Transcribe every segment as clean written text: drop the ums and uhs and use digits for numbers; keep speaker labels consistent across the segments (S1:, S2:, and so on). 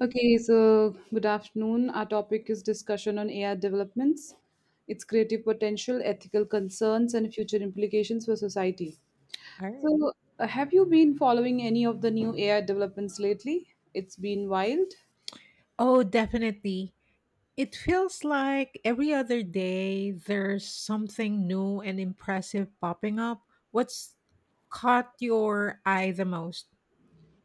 S1: Okay, so good afternoon. Our topic is discussion on AI developments, its creative potential, ethical concerns, and future implications for society.
S2: Alright.
S1: So, have you been following any of the new AI developments lately? It's been wild.
S2: Oh, definitely. It feels like every other day there's something new and impressive popping up. What's caught your eye the most?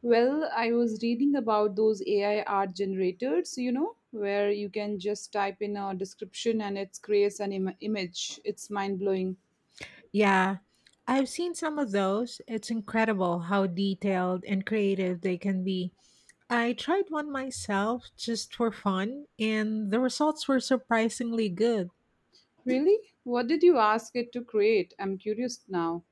S1: Well, I was reading about those AI art generators, you know, where you can just type in a description and it creates an image. It's mind blowing.
S2: Yeah, I've seen some of those. It's incredible how detailed and creative they can be. I tried one myself just for fun, and the results were surprisingly good.
S1: Really? What did you ask it to create? I'm curious now.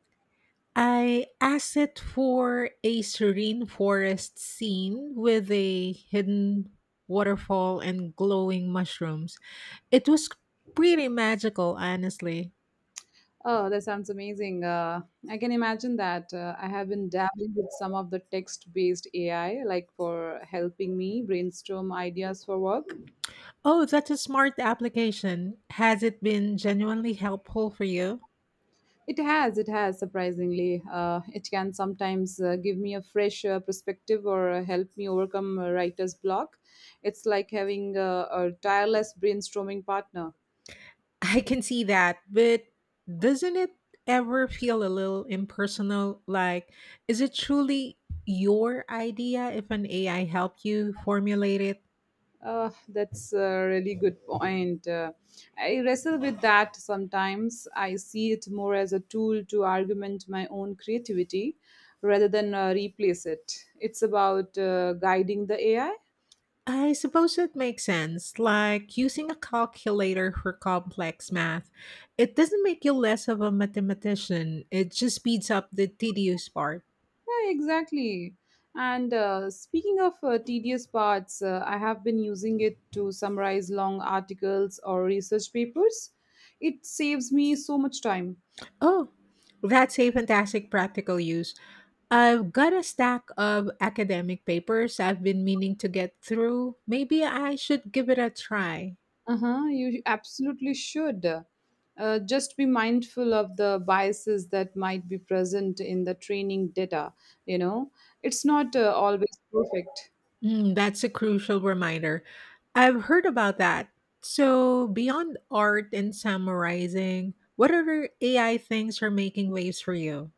S2: I asked it for a serene forest scene with a hidden waterfall and glowing mushrooms. It was pretty magical, honestly.
S1: Oh, that sounds amazing. I can imagine that. I have been dabbling with some of the text based AI, like for helping me brainstorm ideas for work.
S2: Oh, that's a smart application. Has it been genuinely helpful for you?
S1: It has, surprisingly. It can sometimes give me a fresh perspective or help me overcome a writer's block. It's like having a tireless brainstorming partner.
S2: I can see that, but doesn't it ever feel a little impersonal? Like, is it truly your idea if an AI helped you formulate it?
S1: That's a really good point. I wrestle with that sometimes. I see it more as a tool to augment my own creativity rather than replace it. It's about guiding the AI.
S2: I suppose it makes sense, like using a calculator for complex math. It doesn't make you less of a mathematician, it just speeds up the tedious part.
S1: Yeah, exactly. And speaking of tedious parts, I have been using it to summarize long articles or research papers. It saves me so much time.
S2: Oh, that's a fantastic practical use. I've got a stack of academic papers I've been meaning to get through. Maybe I should give it a try.
S1: Uh-huh, you absolutely should. Just be mindful of the biases that might be present in the training data. You know, it's not always perfect.
S2: Mm, that's a crucial reminder. I've heard about that. So, beyond art and summarizing, what other AI things are making waves for you?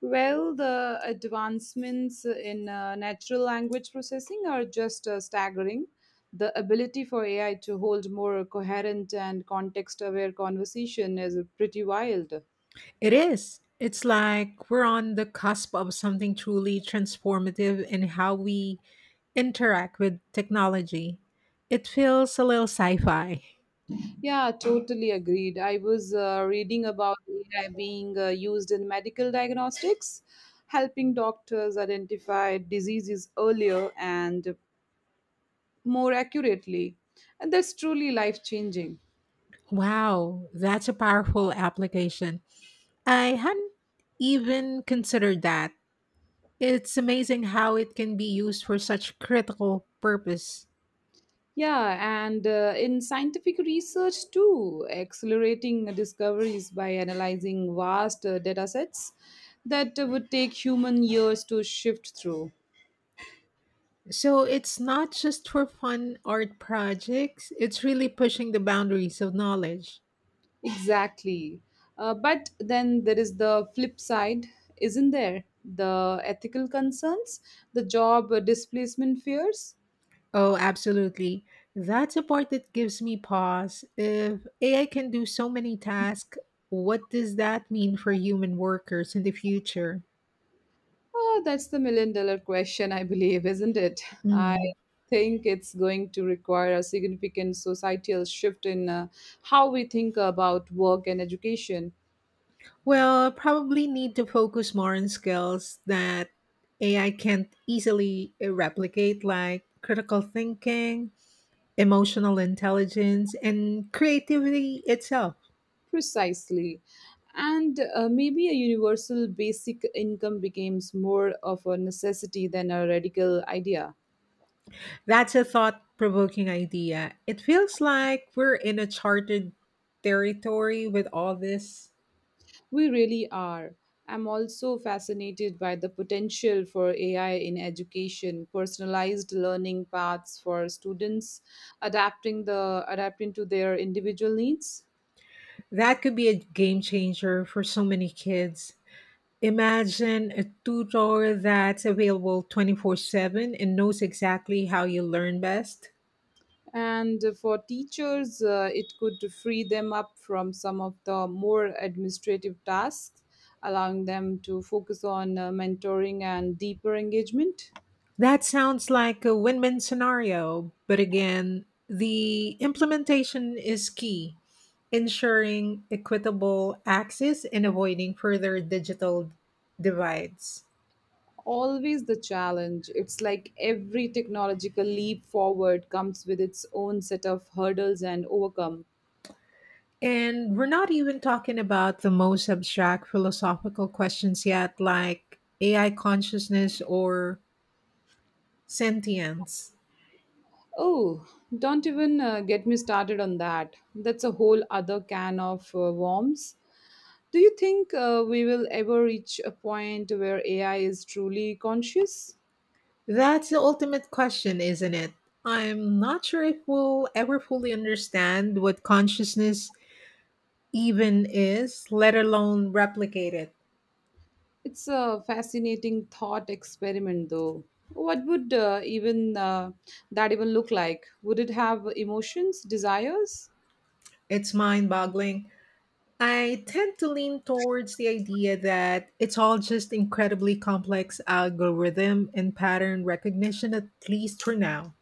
S1: Well, the advancements in natural language processing are just staggering. The ability for AI to hold more coherent and context aware conversation is pretty wild.
S2: It is. It's like we're on the cusp of something truly transformative in how we interact with technology. It feels a little sci fi.
S1: Yeah, totally agreed. I was reading about AI being used in medical diagnostics, helping doctors identify diseases earlier and more accurately. And that's truly life changing.
S2: Wow, that's a powerful application. I hadn't even considered that. It's amazing how it can be used for such critical purpose.
S1: Yeah, and in scientific research too, accelerating discoveries by analyzing vast data sets that would take human years to shift through.
S2: So it's not just for fun art projects, it's really pushing the boundaries of knowledge.
S1: Exactly. But then there is the flip side, isn't there? The ethical concerns, the job displacement fears.
S2: Oh, absolutely. That's a part that gives me pause. If AI can do so many tasks, what does that mean for human workers in the future?
S1: Oh, that's the million dollar question, I believe, isn't it? I
S2: Mm.
S1: think it's going to require a significant societal shift in how we think about work and education.
S2: Well, probably need to focus more on skills that AI can't easily replicate, like critical thinking, emotional intelligence, and creativity itself.
S1: Precisely. And maybe a universal basic income becomes more of a necessity than a radical idea.
S2: That's a thought provoking idea. It feels like we're in a charted territory with all this.
S1: We really are. I'm also fascinated by the potential for AI in education, personalized learning paths for students, adapting to their individual needs.
S2: That could be a game changer for so many kids. Imagine a tutor that's available 24/7 and knows exactly how you learn best.
S1: And for teachers, it could free them up from some of the more administrative tasks, allowing them to focus on mentoring and deeper engagement.
S2: That sounds like a win win scenario, but again, the implementation is key, ensuring equitable access and avoiding further digital divides.
S1: Always the challenge. It's like every technological leap forward comes with its own set of hurdles and overcome.
S2: And we're not even talking about the most abstract philosophical questions yet, like AI consciousness or sentience.
S1: Oh, don't even get me started on that. That's a whole other can of worms. Do you think we will ever reach a point where AI is truly conscious?
S2: That's the ultimate question, isn't it? I'm not sure if we'll ever fully understand what consciousness even is, let alone replicate it.
S1: It's a fascinating thought experiment, though. What would even that even look like? Would it have emotions, desires?
S2: It's mind boggling. I tend to lean towards the idea that it's all just incredibly complex algorithm and pattern recognition, at least for now.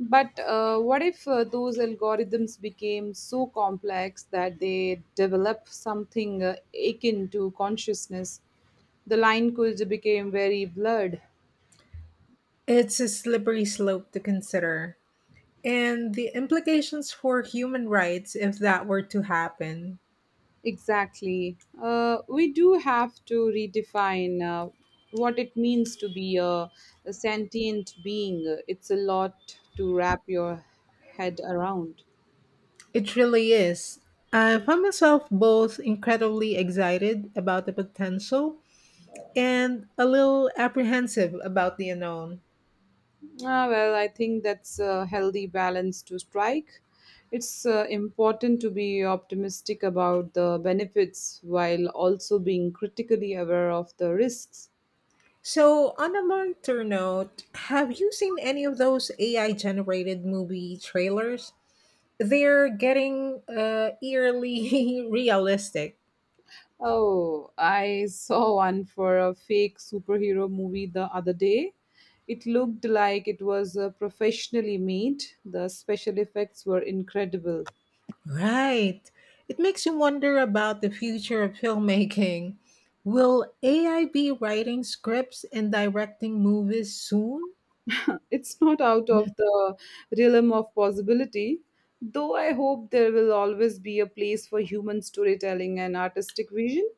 S1: But what if those algorithms became so complex that they develop something akin to consciousness? The line could become very blurred.
S2: It's a slippery slope to consider. And the implications for human rights if that were to happen.
S1: Exactly. We do have to redefine what it means to be a sentient being. It's a lot to wrap your head around.
S2: It really is. I find myself both incredibly excited about the potential and a little apprehensive about the unknown.
S1: Ah, well, I think that's a healthy balance to strike. It's important to be optimistic about the benefits while also being critically aware of the risks.
S2: So, on a lighter note, have you seen any of those AI generated movie trailers? They're getting eerily realistic.
S1: Oh, I saw one for a fake superhero movie the other day. It looked like it was professionally made, the special effects were incredible.
S2: Right. It makes you wonder about the future of filmmaking. Will AI be writing scripts and directing movies soon?
S1: It's not out of
S2: Mhm.
S1: the realm of possibility. Though I hope there will always be a place for human storytelling and artistic vision.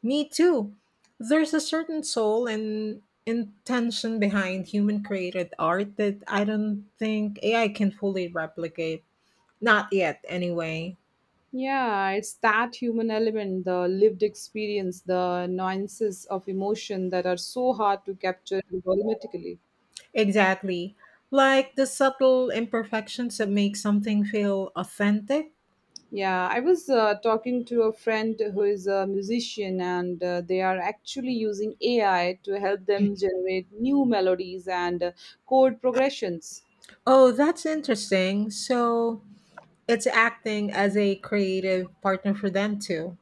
S2: Me too. There's a certain soul and intention behind human created art that I don't think AI can fully replicate. Not yet, anyway.
S1: Yeah, it's that human element, the lived experience, the nuances of emotion that are so hard to capture volumetrically.
S2: Exactly. Like the subtle imperfections that make something feel authentic.
S1: Yeah, I was talking to a friend who is a musician, and they are actually using AI to help them generate new melodies and chord progressions.
S2: Oh, that's interesting. So it's acting as a creative partner for them too.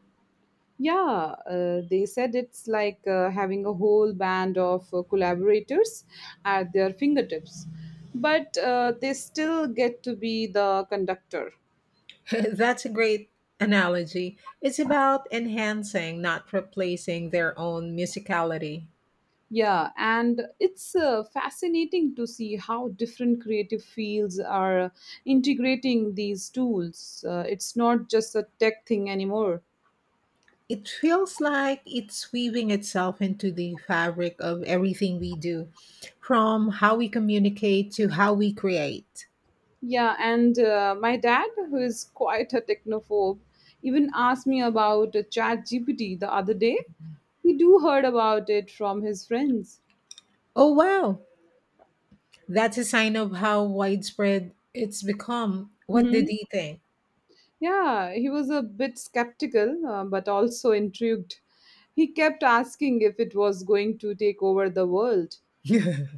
S1: Yeah, they said it's like having a whole band of collaborators at their fingertips, but they still get to be the conductor.
S2: That's a great analogy. It's about enhancing, not replacing their own musicality.
S1: Yeah, and it's fascinating to see how different creative fields are integrating these tools. It's not just a tech thing anymore.
S2: It feels like it's weaving itself into the fabric of everything we do, from how we communicate to how we create.
S1: Yeah, and my dad, who is quite a technophobe, even asked me about ChatGPT the other day. He do heard about it from his friends.
S2: Oh, wow. That's a sign of how widespread it's become. What did
S1: hmm
S2: he think?
S1: Yeah, he was a bit skeptical, but also intrigued. He kept asking if it was going to take over the world.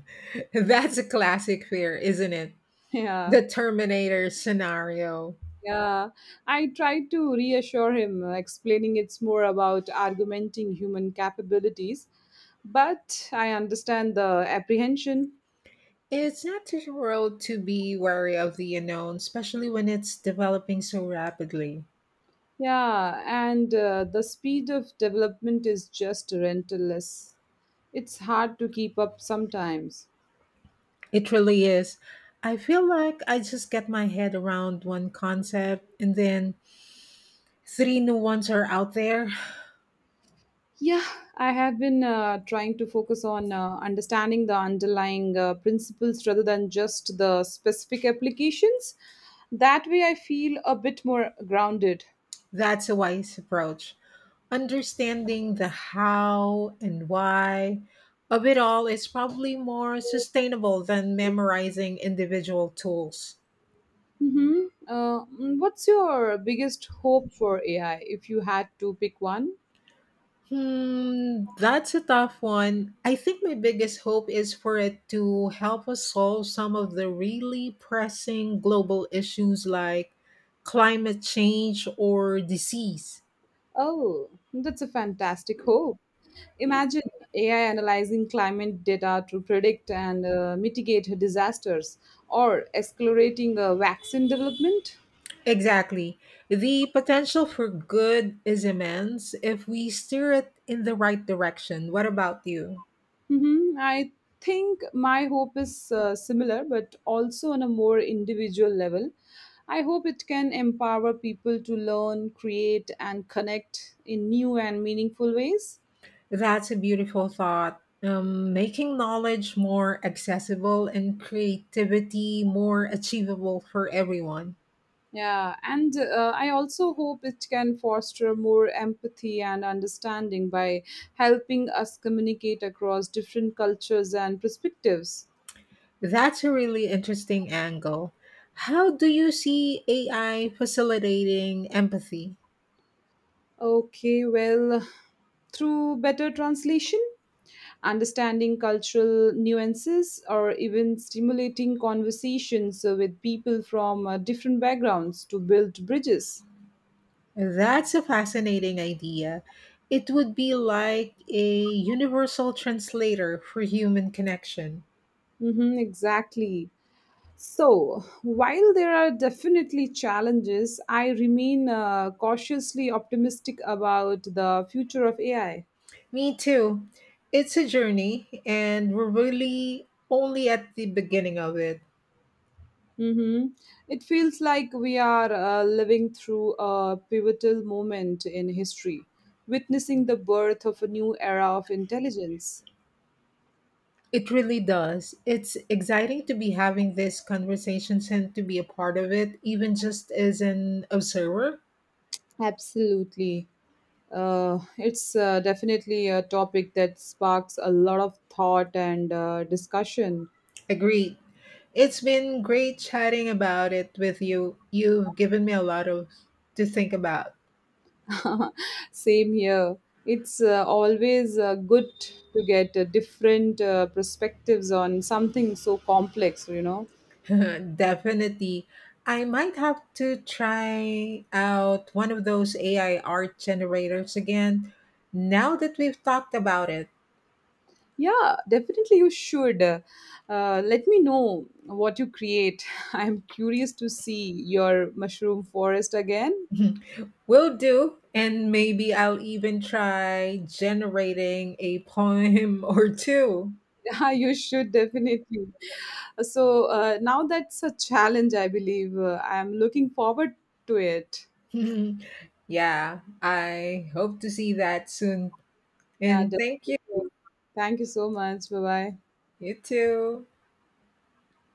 S2: That's a classic fear, isn't it?
S1: Yeah,
S2: The Terminator scenario.
S1: yeah. I tried to reassure him, explaining it's more about argumenting human capabilities, but I understand the apprehension.
S2: It's not too world to be wary of the unknown, especially when it's developing so rapidly.
S1: Yeah, and the speed of development is just relentless. It's hard to keep up sometimes.
S2: It really is. I feel like I just get my head around one concept and then three new ones are out there.
S1: Yeah, I have been trying to focus on understanding the underlying principles rather than just the specific applications. That way, I feel a bit more grounded.
S2: That's a wise approach. Understanding the how and why of it all is probably more sustainable than memorizing individual tools.
S1: Mm-hmm. What's your biggest hope for AI if you had to pick one?
S2: Hmm, that's a tough one. I think my biggest hope is for it to help us solve some of the really pressing global issues like climate change or disease.
S1: Oh, that's a fantastic hope. Imagine AI analyzing climate data to predict and mitigate disasters or accelerating vaccine development.
S2: Exactly. The potential for good is immense if we steer it in the right direction. What about you?
S1: I think my hope is similar, but also on a more individual level. I hope it can empower people to learn, create, and connect in new and meaningful ways.
S2: That's a beautiful thought. Making knowledge more accessible and creativity more achievable for everyone.
S1: Yeah, and I also hope it can foster more empathy and understanding by helping us communicate across different cultures and perspectives.
S2: That's a really interesting angle. How do you see AI facilitating empathy?
S1: Okay, well, through better translation, understanding cultural nuances, or even stimulating conversations with people from different backgrounds to build bridges.
S2: That's a fascinating idea. It would be like a universal translator for human connection.
S1: Mm-hmm, exactly. So, while there are definitely challenges, I remain cautiously optimistic about the future of AI.
S2: Me too. It's a journey, and we're really only at the beginning of it.
S1: hmm It feels like we are living through a pivotal moment in history, witnessing the birth of a new era of intelligence.
S2: It really does. It's exciting to be having these conversations and to be a part of it, even just as an observer.
S1: Absolutely. It's definitely a topic that sparks a lot of thought and discussion.
S2: Agreed. It's been great chatting about it with you. You've given me a lot of to think about.
S1: Same here. It's always good to get different perspectives on something so complex, you know.
S2: Definitely. I might have to try out one of those AI art generators again now that we've talked about it.
S1: Yeah, definitely you should. Let me know what you create. I'm curious to see your mushroom forest again.
S2: Will do. And maybe I'll even try generating a poem or two.
S1: Yeah, you should definitely. So now that's a challenge, I believe. I'm looking forward to it.
S2: Yeah, I hope to see that soon.
S1: Yeah,
S2: And thank you.
S1: definitely. Thank you so much. Bye bye.
S2: You too.